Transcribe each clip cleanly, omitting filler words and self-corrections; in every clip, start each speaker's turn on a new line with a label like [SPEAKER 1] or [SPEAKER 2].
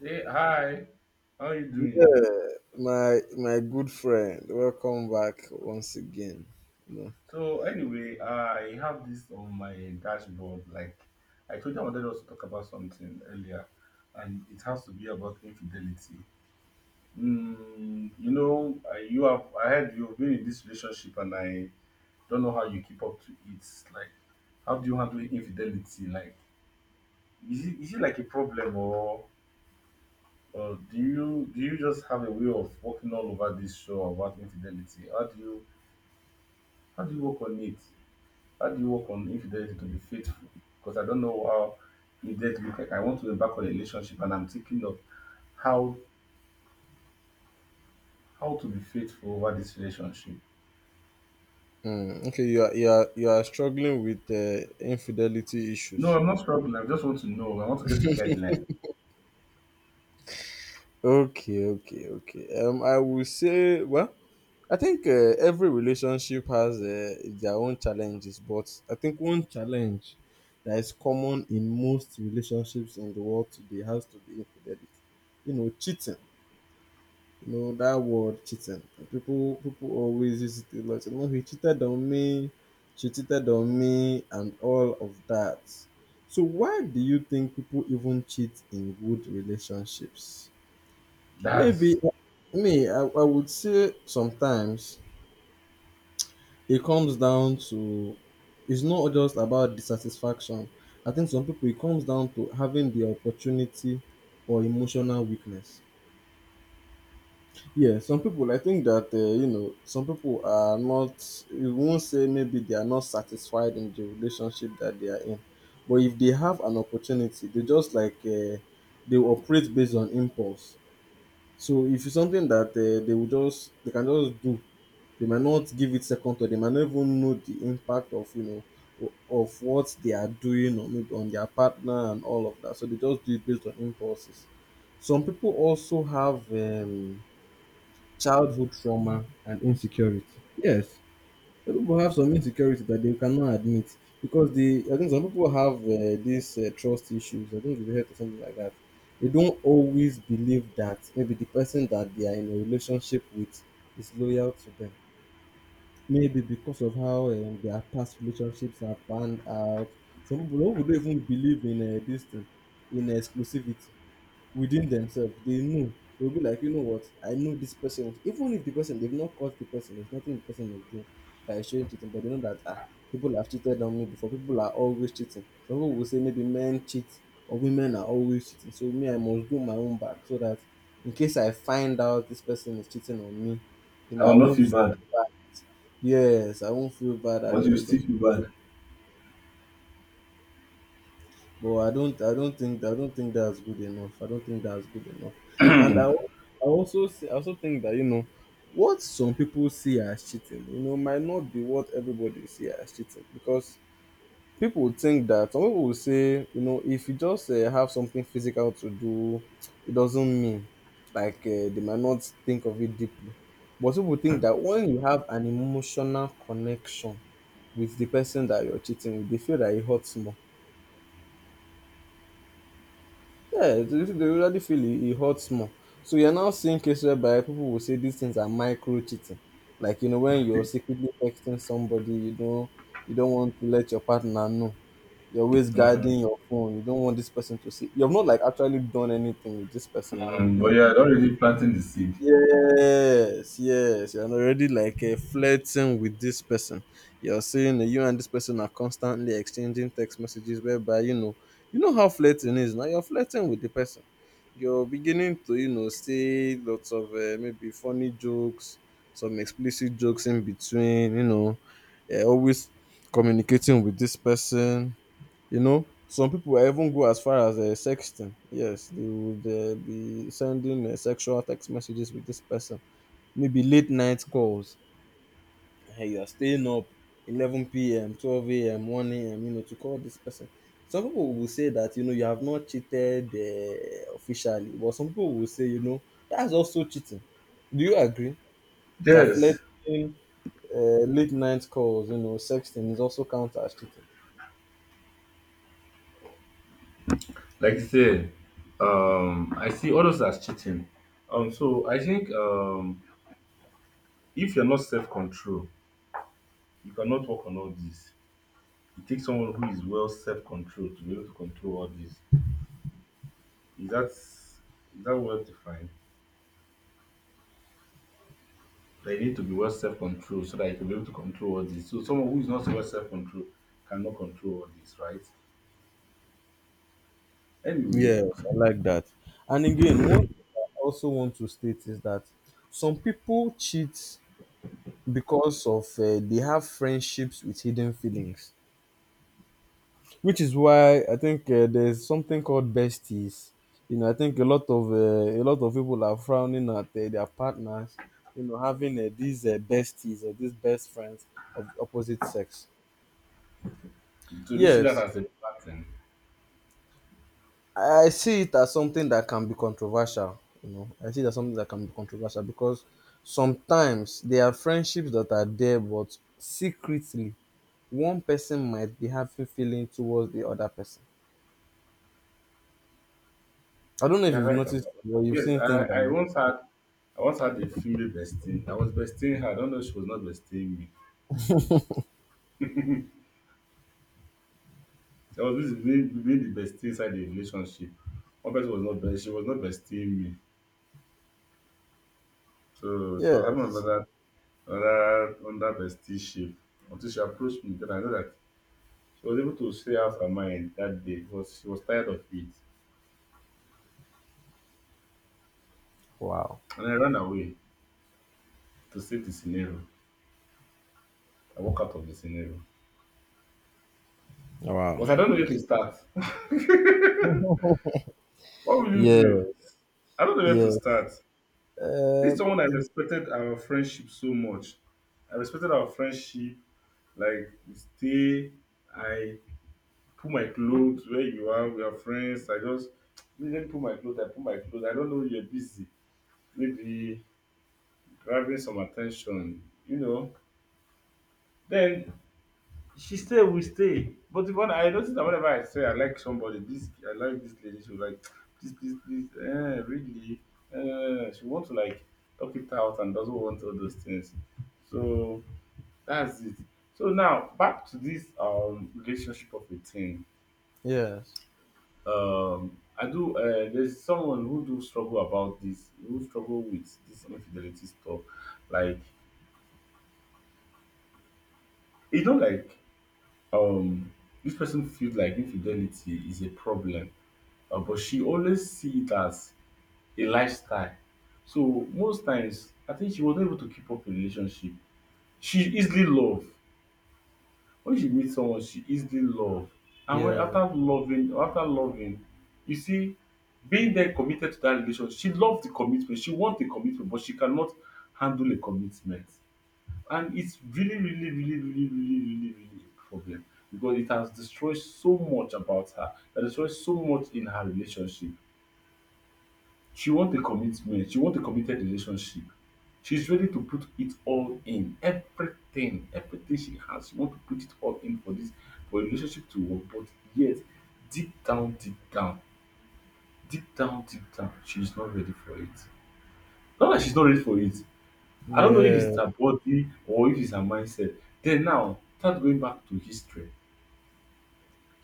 [SPEAKER 1] Hey, hi. How you doing?
[SPEAKER 2] Yeah, my good friend, welcome back once again. You know,
[SPEAKER 1] So anyway, I have this on my dashboard. Like I told you, I wanted us to talk about something earlier, and it has to be about infidelity. You have. I heard you've been in this relationship, and I don't know how you keep up to it. Like, how do you handle infidelity? Like, is it like a problem, or do you just have a way of walking all over this show about infidelity? How do you work on it? How do you work on infidelity to be faithful? Because I don't know how infidelity look like. I want to be back on a relationship and I'm thinking of how to be faithful over this relationship.
[SPEAKER 2] Okay, you are struggling with infidelity
[SPEAKER 1] No,
[SPEAKER 2] issues.
[SPEAKER 1] I'm not struggling. I just want to know. I want to get a guideline.
[SPEAKER 2] Okay, okay, okay. I will say, well, I think every relationship has their own challenges, but I think one challenge that is common in most relationships in the world today has to be infidelity. You know, cheating. You know that word cheating. People always use it a lot. You know, he cheated on me, she cheated on me, and all of that. So why do you think people even cheat in good relationships?
[SPEAKER 1] That's
[SPEAKER 2] Maybe me, I would say sometimes it comes down to it's not just about dissatisfaction. I think some people it comes down to having the opportunity or emotional weakness. Yeah, some people, I think that, you know, some people are not, you won't say maybe they are not satisfied in the relationship that they are in. But if they have an opportunity, they just like, they will operate based on impulse. So if it's something that they will just, they can just do, they might not give it second thought, they might not even know the impact of, you know, of what they are doing or maybe on their partner and all of that. So they just do it based on impulses. Some people also have, childhood trauma and insecurity. Yes, some people have some insecurity that they cannot admit because they. I think some people have these trust issues. I think you've heard of something like that. They don't always believe that maybe the person that they are in a relationship with is loyal to them. Maybe because of how their past relationships have panned out. Some people don't even believe in this thing, in exclusivity within themselves they know they'll be like, you know what, I know this person, even if the person, they've not caught the person, there's nothing the person is doing that is showing cheating, but they know that, ah, people have cheated on me before, people are always cheating. Some people will say maybe men cheat or women are always cheating, so me, I must do my own back, so that in case I find out this person is cheating on me, you know,
[SPEAKER 1] I
[SPEAKER 2] I
[SPEAKER 1] will not
[SPEAKER 2] won't
[SPEAKER 1] feel
[SPEAKER 2] feel
[SPEAKER 1] bad,
[SPEAKER 2] bad. Yes, I won't feel bad at
[SPEAKER 1] but
[SPEAKER 2] the
[SPEAKER 1] you
[SPEAKER 2] end
[SPEAKER 1] still
[SPEAKER 2] of
[SPEAKER 1] feel
[SPEAKER 2] the day.
[SPEAKER 1] bad.
[SPEAKER 2] But I don't I don't think that's good enough. I don't think that's good enough. And I, al- I also see, I also think that, you know, what some people see as cheating, you know, might not be what everybody see as cheating, because people would think that some people will say, you know, if you just have something physical to do, it doesn't mean like they might not think of it deeply. But people think that when you have an emotional connection with the person that you're cheating with, they feel that it hurts more. Yeah, they usually feel it, it hurts more. So you're now seeing cases whereby people will say these things are micro cheating. Like, you know, when you're secretly texting somebody, you know, you don't want to let your partner know. You're always
[SPEAKER 1] Hmm.
[SPEAKER 2] guarding your phone. You don't want this person to see. You've not like actually done anything with this person. You know, you've
[SPEAKER 1] But
[SPEAKER 2] not.
[SPEAKER 1] you are already planting the seed.
[SPEAKER 2] Yes, yes. You're already like flirting with this person. You're saying you and this person are constantly exchanging text messages, whereby, you know how flirting is. Now you're flirting with the person. You're beginning to, you know, say lots of maybe funny jokes, some explicit jokes in between. You know, always communicating with this person. You know, some people will even go as far as sexting. Yes, they would be sending sexual text messages with this person. Maybe late night calls. Hey, you're staying up 11 p.m., 12 a.m., 1 a.m., you know, to call this person. Some people will say that, you know, you have not cheated officially, but some people will say, you know, that's also cheating. Do you agree that
[SPEAKER 1] Yes,
[SPEAKER 2] flirting, late night calls, you know, sexting is also counted as cheating?
[SPEAKER 1] like you said, I see all those as cheating. So I think if you're not self-control, you cannot work on all this. It takes someone who is well self-controlled to be able to control all this. Is that well defined? They need to be well self-controlled so that you can be able to control all this. So someone who is not so well self-controlled cannot control all this, right? Anyway,
[SPEAKER 2] Yes, I like that. And again, one thing I also want to state is that some people cheat because of they have friendships with hidden feelings, which is why I think there's something called besties. You know, I think a lot of people are frowning at their partners. You know, having these besties or these best friends of the opposite sex.
[SPEAKER 1] so this is that
[SPEAKER 2] Yes,
[SPEAKER 1] as a pattern thing?
[SPEAKER 2] I see it as something that can be controversial. You know, I see it as something that can be controversial because sometimes there are friendships that are there, but secretly one person might be having feeling towards the other person. I don't know if
[SPEAKER 1] You're
[SPEAKER 2] you've
[SPEAKER 1] right about
[SPEAKER 2] noticed
[SPEAKER 1] that.
[SPEAKER 2] or you've
[SPEAKER 1] Yes,
[SPEAKER 2] seen things
[SPEAKER 1] I
[SPEAKER 2] like this.
[SPEAKER 1] once had a female bestie. I was besting her. I don't know if she was not besting me. I was busy being the bestie inside the relationship. One person was not best. She was not besting me. So she was having
[SPEAKER 2] Yes.
[SPEAKER 1] another. Another under bestie ship, until she approached me. Then I know that she was able to say out her mind that day because she was tired of it.
[SPEAKER 2] Wow.
[SPEAKER 1] And I ran away to save the scenario. I walk out of the scenario.
[SPEAKER 2] Wow.
[SPEAKER 1] Because I don't know where to start. What will you do?
[SPEAKER 2] Yes.
[SPEAKER 1] I don't know where to
[SPEAKER 2] Yes.
[SPEAKER 1] start. This
[SPEAKER 2] Uh,
[SPEAKER 1] is someone I respected our friendship so much. I respected our friendship. Like we stay, I put my clothes where you are, we are friends. I just let me put my clothes, I put my clothes. I don't know you're busy. Maybe grabbing some attention, you know, then she stay, we stay. But if one, I notice that whenever I say I like somebody, this I like this lady, she will like, please, please, please, really, she want to like talk it out and doesn't want all those things. So that's it. So now back to this relationship of a thing.
[SPEAKER 2] yes.
[SPEAKER 1] I do. There's someone who do struggle about this, who struggle with this infidelity stuff. Like, you know, like um this person feels like infidelity is a problem, but she always see it as a lifestyle. So most times I think she was not able to keep up a relationship. She easily love. When she meets someone, she easily love. And when
[SPEAKER 2] Yes.
[SPEAKER 1] after loving, you see, being there committed to that relationship, she loves the commitment, she wants the commitment, but she cannot handle a commitment. And it's really, really, really, really, really, really, really a problem, because it has destroyed so much about her. It has destroyed so much in her relationship. She wants a commitment. She wants a committed relationship. She's ready to put it all in. Everything, everything she has, she wants to put it all in for for a relationship to work. But yet, deep down, deep down, deep down, deep down, she's not ready for it. Not that she's not ready for it. I don't know if it's
[SPEAKER 2] Yes.
[SPEAKER 1] her body or if it's her mindset. Then now, start going back to history.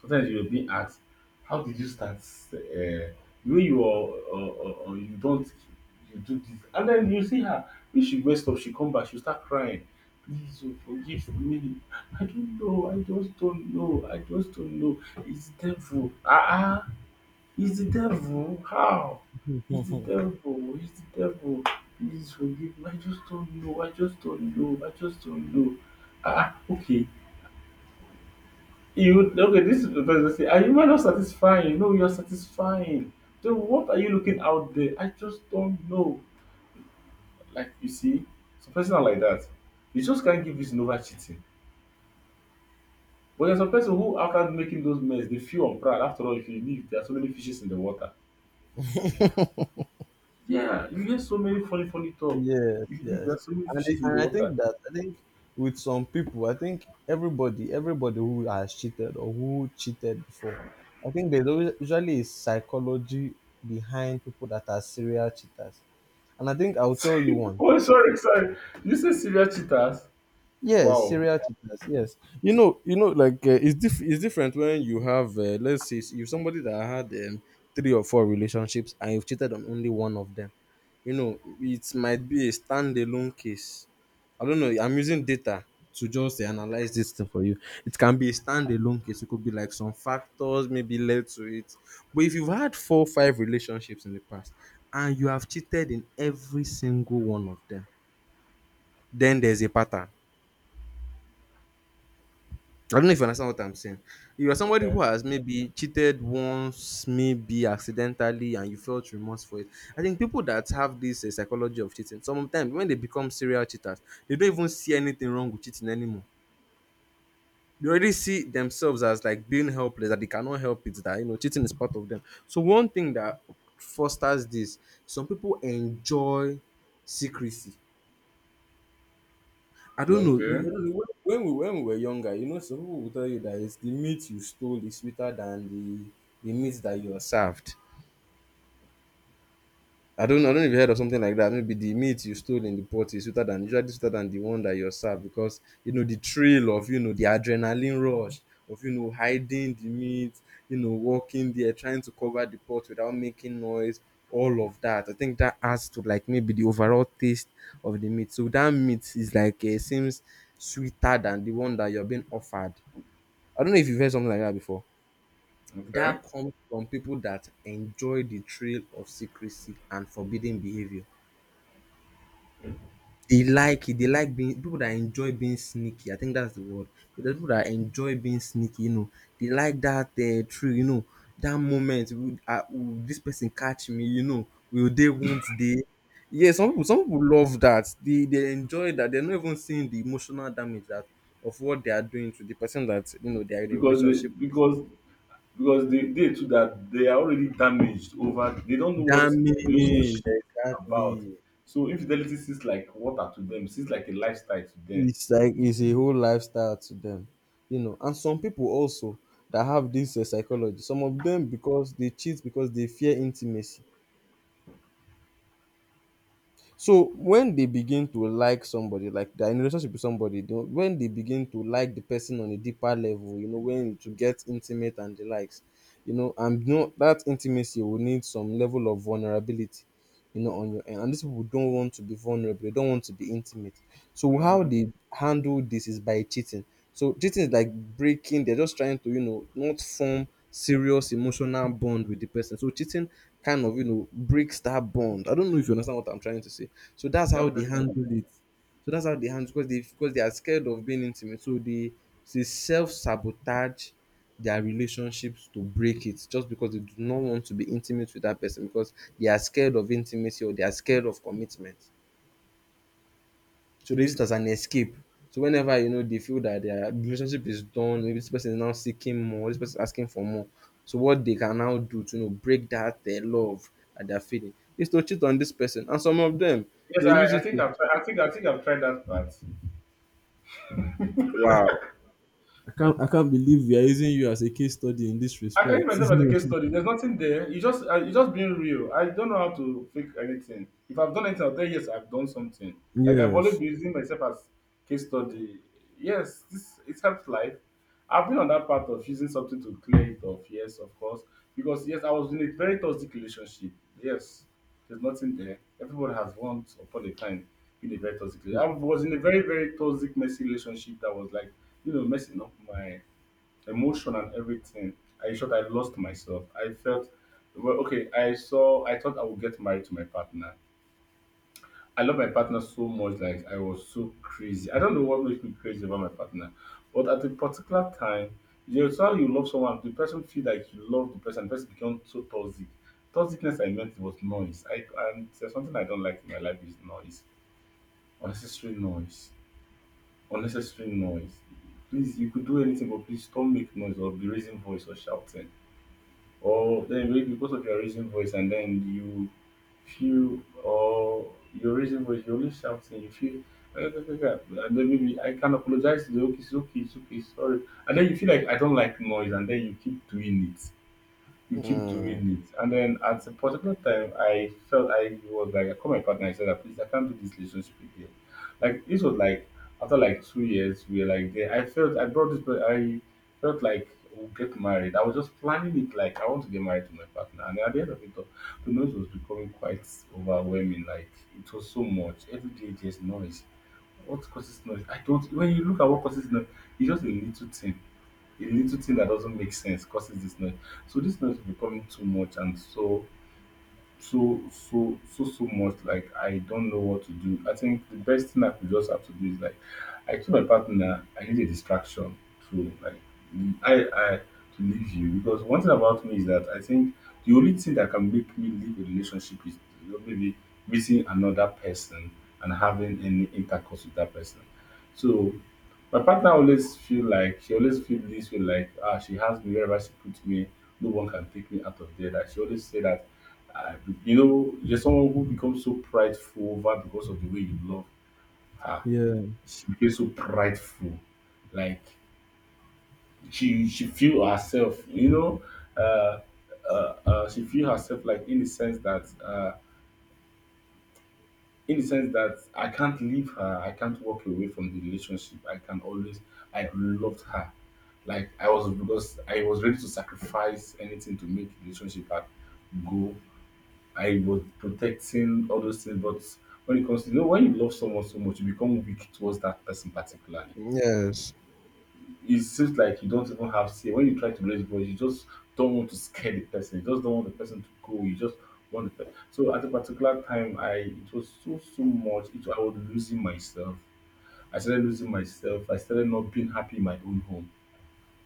[SPEAKER 1] Sometimes you're being asked, how did you start? Uh, when you are, or you don't, you do this. And then you see her, when she messed up, she come back, she'll start crying. Please oh, forgive me. I don't know. I just don't know. I just don't know. It's devil. Ah, ah. He's the devil. How? He's the devil. He's the devil. Please forgive me. I just don't know. I just don't know. I just don't know. Ah, ah, okay. You okay? This is the person say, Are not satisfying? No, you're satisfying. Then what are you looking out there? I just don't know." Like you see, some person are like that. You just can't give reason over cheating. But there's some person who, after making those mess, they feel on pride. After all, if you leave, there are so many fishes in the water. Yeah, you hear so many funny, funny talk.
[SPEAKER 2] Yes,
[SPEAKER 1] You believe there
[SPEAKER 2] yes.
[SPEAKER 1] are so many
[SPEAKER 2] And it-
[SPEAKER 1] fishes in the
[SPEAKER 2] and I
[SPEAKER 1] water.
[SPEAKER 2] think that I think with some people, I think everybody, everybody who has cheated or who cheated before, I think there's always, usually, a psychology behind people that are serial cheaters. And I think I'll tell you one.
[SPEAKER 1] Oh, sorry, sorry. You say serial cheaters?
[SPEAKER 2] Yes,
[SPEAKER 1] Wow.
[SPEAKER 2] serial cheaters. Yes, you know, like it's different when you have, let's say, you somebody that had three or four relationships and you've cheated on only one of them. You know, it might be a standalone case. I don't know. I'm using data to just analyze this thing for you. It can be a standalone case. It could be like some factors maybe led to it. But if you've had four, five relationships in the past and you have cheated in every single one of them, then there's a pattern. I don't know if you understand what I'm saying. You are somebody who
[SPEAKER 1] Okay.
[SPEAKER 2] has maybe cheated once, maybe accidentally, and you felt remorse for it. I think people that have this psychology of cheating, sometimes when they become serial cheaters, they don't even see anything wrong with cheating anymore. They already see themselves as like being helpless, that they cannot help it, that, you know, cheating is part of them. So one thing that fosters this, some people enjoy secrecy. I don't know. I
[SPEAKER 1] Okay.
[SPEAKER 2] don't know. When we were younger, you know, some people will tell you that it's the meat you stole is sweeter than the meat that you are served. I don't know if you heard of something like that. Maybe the meat you stole in the pot is sweeter than usually sweeter than the one that you're served, because you know the thrill of, you know, the adrenaline rush of, you know, hiding the meat, you know, walking there trying to cover the pot without making noise, all of that. I think that adds to like maybe the overall taste of the meat. So that meat is like seems sweeter than the one that you're being offered. I don't know if you've heard something like that before.
[SPEAKER 1] Okay.
[SPEAKER 2] That comes from people that enjoy the thrill of secrecy and forbidden behavior. They like it, they like being people that enjoy being sneaky, I think that's the word. There people that enjoy being sneaky, you know, they like that, eh, thrill, you know, that moment, "Will ah will this person catch me?" You know, "Will they, won't they?" Yes, some people love that. They enjoy that. They're not even seeing the emotional damage that of what they are doing to the person that, you know, they are in a
[SPEAKER 1] Because they
[SPEAKER 2] relationship.
[SPEAKER 1] because because they too, that they are already damaged over, they don't know what
[SPEAKER 2] Damage,
[SPEAKER 1] relationship
[SPEAKER 2] exactly.
[SPEAKER 1] about. So infidelity seems like water to them, seems like a lifestyle to them.
[SPEAKER 2] It's like it's a whole lifestyle to them, you know, and some people also that have this psychology, some of them because they cheat because they fear intimacy. So when they begin to like somebody, like they're in a relationship with somebody, when they begin to like the person on a deeper level, you know, when to get intimate and the likes, you know, and you know that intimacy will need some level of vulnerability, you know, on your end. And these people don't want to be vulnerable, they don't want to be intimate. So how
[SPEAKER 1] Mm-hmm.
[SPEAKER 2] they handle this is by cheating. So cheating is like breaking, they're just trying to, you know, not form serious emotional bond with the person. So cheating kind of, you know, breaks that bond. I don't know if you understand what I'm trying to say. So that's
[SPEAKER 1] Yeah,
[SPEAKER 2] how
[SPEAKER 1] I'm
[SPEAKER 2] they handle
[SPEAKER 1] listening.
[SPEAKER 2] it. So that's how they handle, because they are scared of being intimate. So they self sabotage their relationships to break it just because they do not want to be intimate with that person because they are scared of intimacy or they are scared of commitment. So they use it as an escape. So whenever they feel that their relationship is done, maybe this person is now seeking more, this person is asking for more. So what they can now do to break that their love that they're feeling is to cheat on this person. And some of them
[SPEAKER 1] Yes,
[SPEAKER 2] they use
[SPEAKER 1] I
[SPEAKER 2] it
[SPEAKER 1] think
[SPEAKER 2] to
[SPEAKER 1] I've tried, I think I've tried that part.
[SPEAKER 2] wow. I can't believe we are using you as a case study in this
[SPEAKER 1] I can use
[SPEAKER 2] respect.
[SPEAKER 1] myself as a case study. There's nothing there. You just being real. I don't know how to fake anything. If I've done anything, I'll tell you yes, I've done something. Like I've always
[SPEAKER 2] Yes.
[SPEAKER 1] been using myself as case study. Yes, this it helps life. I've been on that path of using something to clear it off. Yes, of course, because yes, I was in a very toxic relationship. Yes, there's nothing there. Everyone has once upon a time been a very toxic. I was in a very very toxic, messy relationship that was like, you know, messing up my emotion and everything. I thought I lost myself. I felt well. Okay, I saw. I thought I would get married to my partner. I love my partner so much. Like I was so crazy. I don't know what makes me crazy about my partner, but at a particular time, you know, it's how you love someone. The person feel like you love the person. The person becomes so toxic. Toxicness I meant was noise. I And there's something I don't like in my life is noise. Unnecessary noise. Unnecessary noise, please. You could do anything, but please don't make noise or be raising voice or shouting. Or then maybe because of your raising voice, and then you feel, or your raising voice, you're only shouting, you feel, "Ah, ah, ah, ah," and then maybe I can apologize to the okay, it's okay, it's okay, sorry. And then you feel like I don't like noise, and then you keep doing it, you keep
[SPEAKER 2] Mm.
[SPEAKER 1] doing it. And then at a particular time, I felt I was like, I called my partner. I said, that, please, I can't do this relationship again. Like this was like after like 2 years, we were like there. I felt I brought this, but I felt like we'll get married. I was just planning it like I want to get married to my partner. And at the end of it all, the noise was becoming quite overwhelming. Like it was so much. Every day there's noise. What causes noise? I don't. When you look at what causes noise, it's just a little thing that doesn't make sense causes this noise. So this noise is becoming too much and so so so so so much, like I don't know what to do. I think the best thing I could just have to do is like I told my partner I need a distraction to like I to leave you, because one thing about me is that I think the only thing that can make me leave a relationship is, you know, maybe meeting another person and having any intercourse with that person. So my partner always feel like she always feel this way like she has me wherever she puts me, no one can take me out of there. That she always say that uh, you know, there's someone who becomes so prideful over because of the way you love.
[SPEAKER 2] Yeah.
[SPEAKER 1] She becomes so prideful, like she feel herself, you know, uh, she feel herself like in the sense that I can't leave her, I can't walk away from the relationship. I can always, I loved her. Like I was because I was ready to sacrifice anything to make the relationship go. I was protecting all those things, but when it comes to, you know, when you love someone so much, you become weak towards that person, particularly
[SPEAKER 2] Yes.
[SPEAKER 1] it seems like you don't even have say. When you try to raise voice, you just don't want to scare the person. You just don't want the person to go. You just want the person. So at a particular time, I it was so so much. I was losing myself. I started losing myself. I started not being happy in my own home.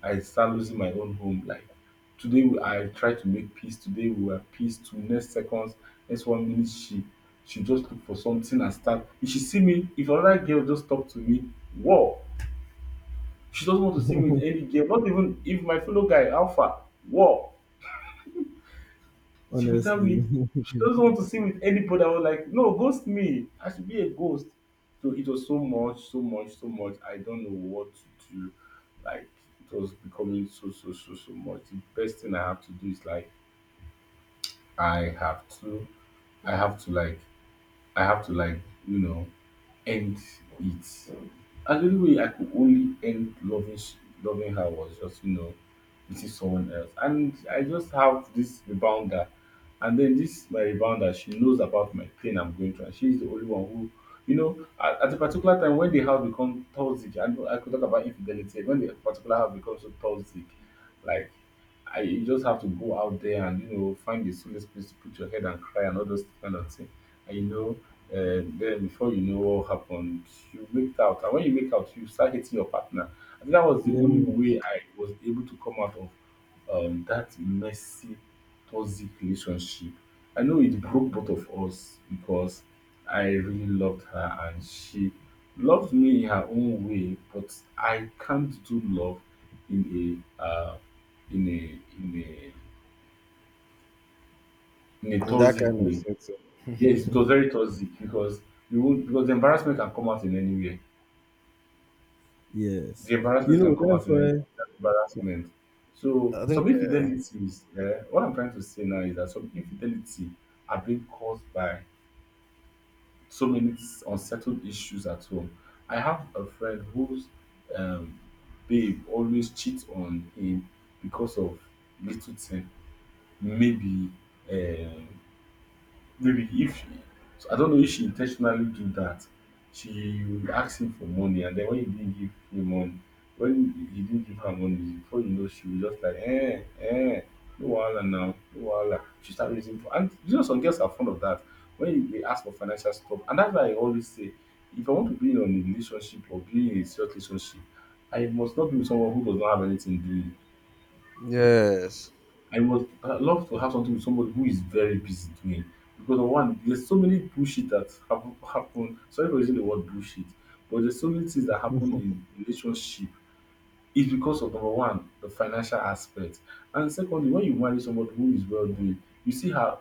[SPEAKER 1] I started losing my own home. Like today, I try to make peace. Today we were peace. To next seconds, next 1 minute, she just look for something and start. If she see me, if another girl just talk to me, whoa, she doesn't want to see me with any girl, not even if my fellow guy, Alpha. Whoa, she will tell
[SPEAKER 2] Honestly.
[SPEAKER 1] me she doesn't want to see with anybody. I was like, no, ghost me. I should be a ghost. So it was so much, so much, so much. I don't know what to do. Like it was becoming so, so, so, so much. The best thing I have to do is like I have to, I have to like, I have to you know, end it. And the only way I could only end loving her was just meeting someone else. And I just have this rebounder, and then this my rebounder she knows about my pain I'm going through, and she's the only one who. You know, at a particular time when the house become toxic, I know I could talk about infidelity. When the particular house becomes so toxic, like I you just have to go out there and find a solace place to put your head and cry and all those kind of things. And and then before you know what happened, you make out. And when you make out, you start hitting your partner. I think that was the only
[SPEAKER 2] Yes.
[SPEAKER 1] way I was able to come out of that messy, toxic relationship. I know it broke both of us because I really loved her and she loved me in her own way, but I can't do love in a in a in a in a
[SPEAKER 2] In that
[SPEAKER 1] toxic
[SPEAKER 2] kind of
[SPEAKER 1] way.
[SPEAKER 2] setting.
[SPEAKER 1] Yes, it was very toxic because you would because the embarrassment can come out in anywhere. The
[SPEAKER 2] You
[SPEAKER 1] embarrassment
[SPEAKER 2] know
[SPEAKER 1] can come
[SPEAKER 2] that's
[SPEAKER 1] out in any
[SPEAKER 2] why.
[SPEAKER 1] that embarrassment. So
[SPEAKER 2] I think
[SPEAKER 1] some infidelities, what I'm trying to say now is that some infidelity are being caused by so many unsettled issues at home. I have a friend whose um, babe always cheats on him because of little thing, maybe um maybe if she, so I don't know if she intentionally do that. She will ask him for money, and then when he didn't give her money, before you know, she will just like, no wahala now, no wahala. She start raising for, and some girls are fond of that. When they ask for financial support, and that's why I always say, if I want to be in a relationship or be in a serious relationship, I must not be with someone who does not have anything doing.
[SPEAKER 2] yes,
[SPEAKER 1] I would love to have something with somebody who is very busy doing. Because of one, there's so many bullshit that have happened. Sorry for using the word bullshit, but there's so many things that happen in relationship. It's because of number one, the financial aspect, and secondly, when you marry somebody who is well doing, you see her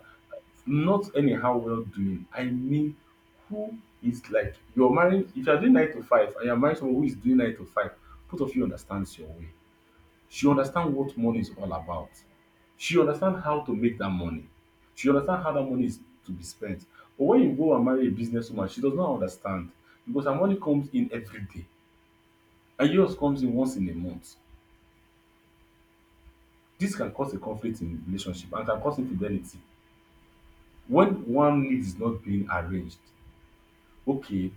[SPEAKER 1] not anyhow well doing. I mean, who is like you're marrying. If you're doing nine to five and you're marrying someone who is doing nine to five, both of you understands your way she understand what money is all about. She understand how to make that money. She understand how that money is to be spent. But when you go and marry a businesswoman, she does not understand because her money comes in every day and yours comes in once in a month. This can cause a conflict in relationship and can cause infidelity when one need is not being arranged. Okay,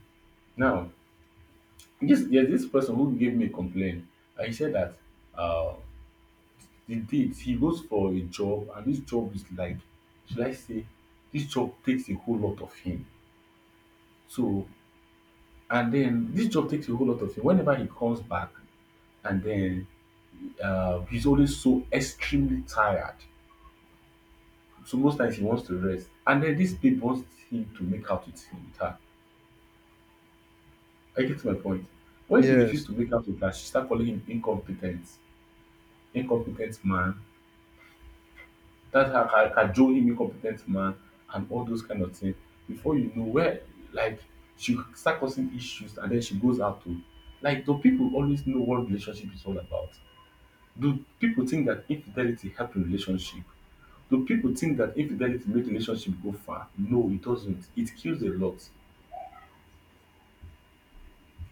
[SPEAKER 1] now this there's this person who gave me a complaint and he said that um the date he goes for a job and this job is like should I say this job takes a whole lot of him. So and then this job takes a whole lot of him. Whenever he comes back and then he's always so extremely tired. So most times he wants to rest. And then this babe wants him to make out with her. I get to my point. When he
[SPEAKER 2] yes,
[SPEAKER 1] refused to make out with her, she started calling him incompetent, incompetent man. That's how I can him incompetent man and all those kind of things. Before you know where, like she will start causing issues and then she goes out to, like, do people always know what relationship is all about? Do people think that infidelity help in relationship? Do people think that infidelity make relationship go far? No, it doesn't. It kills a lot.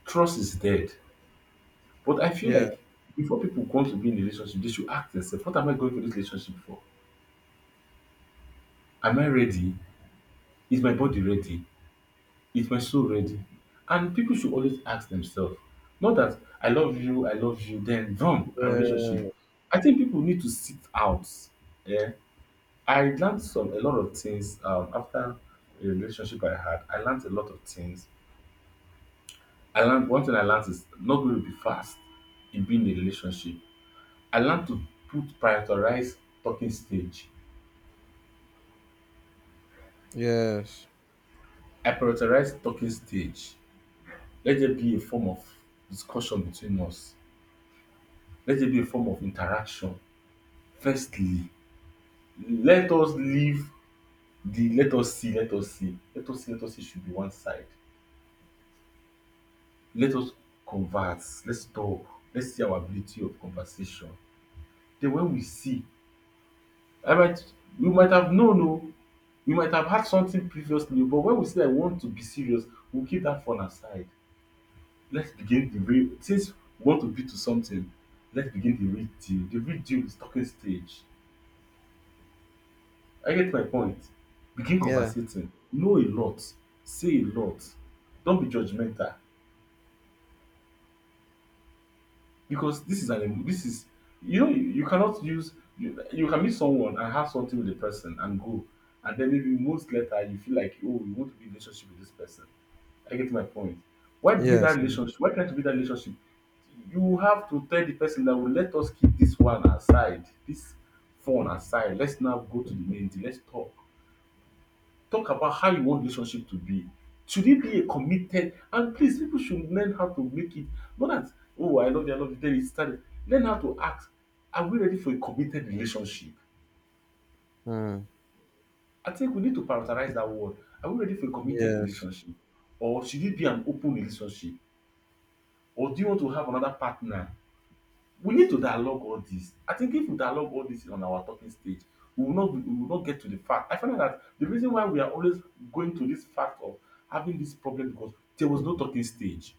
[SPEAKER 1] Trust is dead. But I feel
[SPEAKER 2] yeah,
[SPEAKER 1] like before people want to be in a relationship, they should ask themselves, what am I going for this relationship for? Am I ready? Is my body ready? Is my soul ready? And people should always ask themselves, not that I love you, then boom, and relationship.
[SPEAKER 2] yeah,
[SPEAKER 1] I think people need to sit out. Yeah, I learned some a lot of things after a relationship I had. I learned a lot of things. I learned one thing I learned is not going to be fast in being in a relationship. I learned to put prioritize talking stage.
[SPEAKER 2] yes,
[SPEAKER 1] I prioritize talking stage. Let there be a form of discussion between us. Let there be a form of interaction. Firstly, let us leave the let us see, let us see, let us see, let us see should be one side. Let us converse, let's talk, let's see our ability of conversation. Then when we see, I might we might have known no. We might have had something previously, but when we say I want to be serious, we will keep that fun aside. Let's begin the real since we want to be to something, let's begin the real deal. The real deal is talking stage. I get my point. Begin
[SPEAKER 2] yeah,
[SPEAKER 1] conversating. Know a lot. Say a lot. Don't be judgmental because this is this is you cannot you can meet someone and have something with the person and go. And then maybe months later you feel like, oh, you want to be in a relationship with this person. I get my point. Why be that
[SPEAKER 2] yes,
[SPEAKER 1] relationship? Why try to be that relationship? You have to tell the person that will let us keep this one aside, this phone aside. Let's now go to the main thing. Let's talk. Talk about how you want relationship to be. Should it be a committed, and please people should learn how to make it, not that, oh, I love you, then it's started. Learn how to ask, are we ready for a committed relationship?
[SPEAKER 2] mm,
[SPEAKER 1] I think we need to prioritize that word. Are we ready for a committed
[SPEAKER 2] yes.
[SPEAKER 1] relationship? Or should it be an open relationship? Or do you want to have another partner? We need to dialogue all this. I think if we dialogue all this on our talking stage, we will not get to the fact. I find out that the reason why we are always going to this fact of having this problem because there was no talking stage.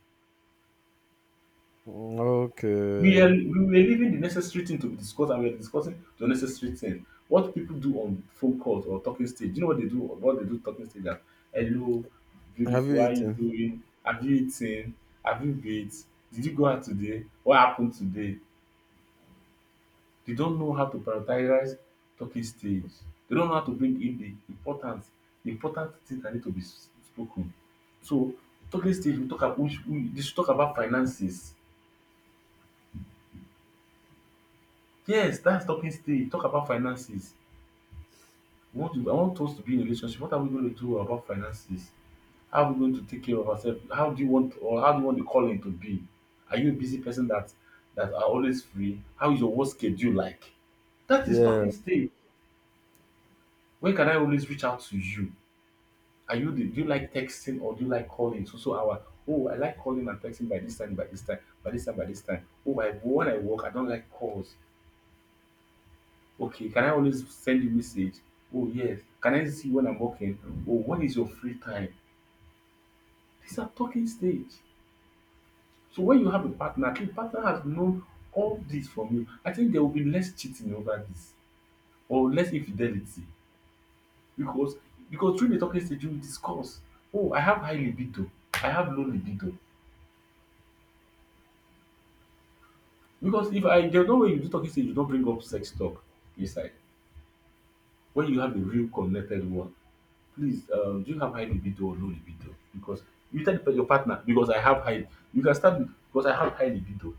[SPEAKER 2] Mm. Okay.
[SPEAKER 1] We were leaving the necessary thing to be discussed and we are discussing the necessary thing. What people do on phone calls or talking stage, you know what they do, talking stage, that hello,
[SPEAKER 2] Have you
[SPEAKER 1] beautiful, how are you
[SPEAKER 2] eaten?
[SPEAKER 1] doing? Have you eaten? Have you bathed? Did you go out today? What happened today? They don't know how to prioritize talking stage. They don't know how to bring in the important things that need to be spoken. So talking stage, we talk about we should we they should talk about finances. Yes, that's talking stage. Talk about finances. We want to I want us to be in a relationship. What are we going to do about finances? How are we going to take care of ourselves? How do you want the calling to be? Are you a busy person that are always free? How is your work schedule like? That is
[SPEAKER 2] Yeah.
[SPEAKER 1] talking stage. When can I always reach out to you? Are you the do you like texting or do you like calling? So our oh, I like calling and texting by this time, by this time, by this time, by this time. Oh I when I work, I don't like calls. Okay, can I always send you message? Oh yes. Can I see when I'm working? Oh, when is your free time? These are talking stage. So when you have a partner, the partner has known all this from you. I think there will be less cheating over this or less infidelity because through the talking stage you will discuss. Oh, I have high libido. I have low libido. Because if I there's no way you do talking stage you don't bring up sex talk inside. When you have a real connected one, please, do you have high libido or low libido? Because you tell your partner because I have high. You can start with because I have high libido.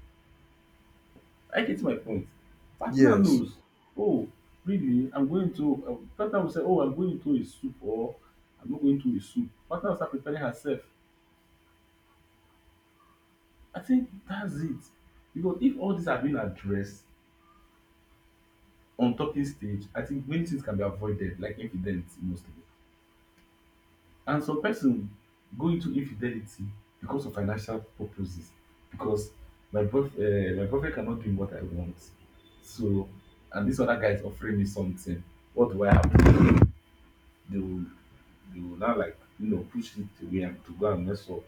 [SPEAKER 1] I get my point. Partner
[SPEAKER 2] Yes.
[SPEAKER 1] knows. Oh, really? I'm going to. Partner will say, oh, I'm going to a soup or I'm not going to a soup. Partner will start preparing herself. I think that's it. Because if all these have been addressed on talking stage, I think many things can be avoided, like infidelity mostly. And some person go into infidelity because of financial purposes, because my boyfriend cannot give me what I want. So, and this other guy is offering me something. What do I have? They will, they will now, like, push it away and to go and mess up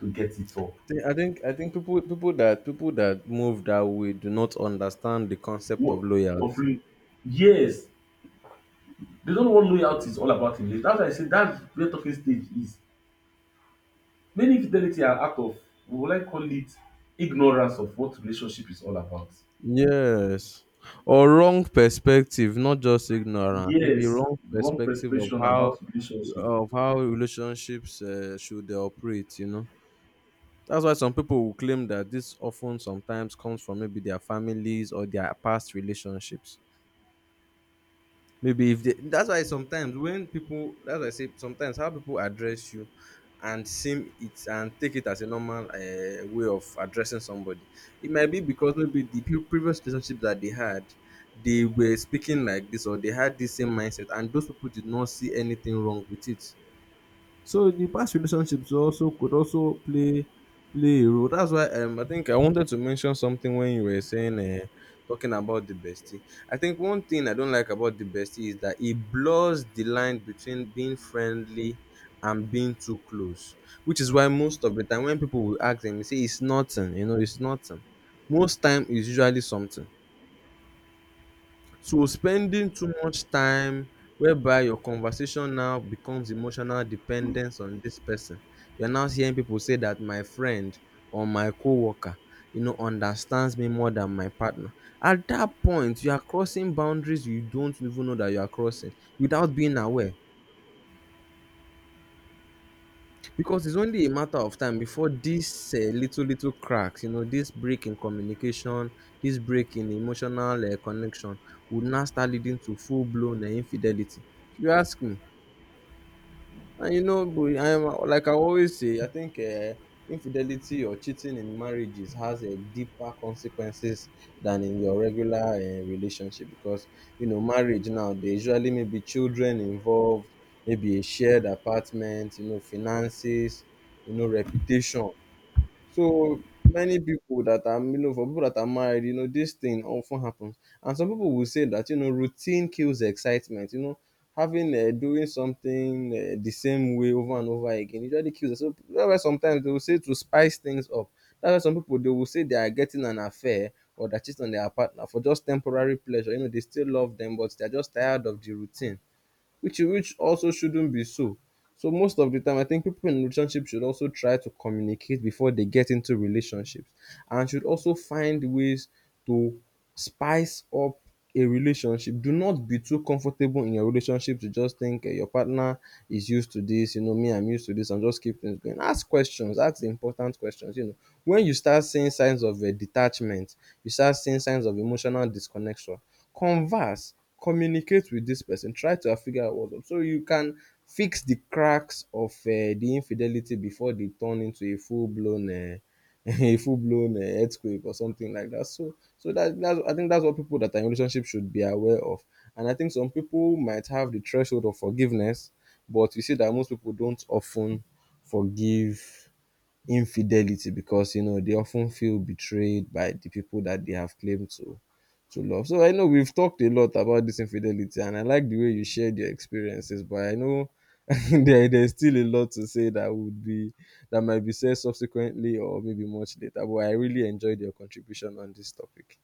[SPEAKER 1] to get it up.
[SPEAKER 2] I think people that move that way do not understand the concept of
[SPEAKER 1] What
[SPEAKER 2] loyalty.
[SPEAKER 1] offering? Yes, they don't know what loyalty is all about in life. That's why I say that's where talking stage is. Many infidelity are out of, we would like call it, ignorance of what relationship is all about.
[SPEAKER 2] Yes. Or wrong perspective, not just ignorance. Maybe
[SPEAKER 1] Yes,
[SPEAKER 2] wrong
[SPEAKER 1] wrong
[SPEAKER 2] perspective
[SPEAKER 1] perception about relationship.
[SPEAKER 2] of how relationships should operate. You know, that's why some people will claim that this often sometimes comes from maybe their families or their past relationships maybe if they, that's why sometimes when people, that's why I say sometimes how people address you and seem it and take it as a normal way of addressing somebody, it might be because maybe the previous relationship that they had, they were speaking like this or they had the same mindset and those people did not see anything wrong with it, so the past relationships also could also play a role. That's why I think I wanted to mention something when you were saying talking about the bestie. I think one thing I don't like about the bestie is that it blurs the line between being friendly and being too close, which is why most of the time when people will ask them, you say it's nothing, you know, it's nothing. Most time is usually something. So spending too much time whereby your conversation now becomes emotional dependence on this person. You're now hearing people say that my friend or my co-worker, you know, understands me more than my partner. At that point, you are crossing boundaries you don't even know that you are crossing without being aware. Because it's only a matter of time before this little cracks, you know, this break in communication, this break in emotional connection would now start leading to full blown infidelity, if you ask me. And you know, boy, I am, like I always say, I think infidelity or cheating in marriages has a deeper consequences than in your regular relationship because you know marriage now, there usually may be children involved, maybe a shared apartment, you know, finances, you know, reputation. So many people that are, you know, for people that are married, you know, this thing often happens. And some people will say that you know routine kills excitement. You know, having doing something the same way over and over again usually kills. So that's why sometimes they will say to spice things up. That's why some people, they will say they are getting an affair or they're cheating on their partner for just temporary pleasure. You know, they still love them, but they're just tired of the routine, which also shouldn't be so. So most of the time, I think people in relationship should also try to communicate before they get into relationships, and should also find ways to spice up a relationship. Do not be too comfortable in your relationship to just think, eh, your partner is used to this. You know, me, I'm used to this. I'm just keep things going. Ask questions. Ask important questions. You know, when you start seeing signs of eh, detachment, you start seeing signs of emotional disconnection, converse, communicate with this person, try to figure out what's up so you can fix the cracks of the infidelity before they turn into a full-blown a full-blown earthquake or something like that. So so that, that's I think that's what people that are in relationship should be aware of. And I think some people might have the threshold of forgiveness, but you see that most people don't often forgive infidelity because you know they often feel betrayed by the people that they have claimed to love. So I know we've talked a lot about this infidelity, and I like the way you shared your experiences. But I know there's still a lot to say that would be that might be said subsequently or maybe much later. But I really enjoyed your contribution on this topic.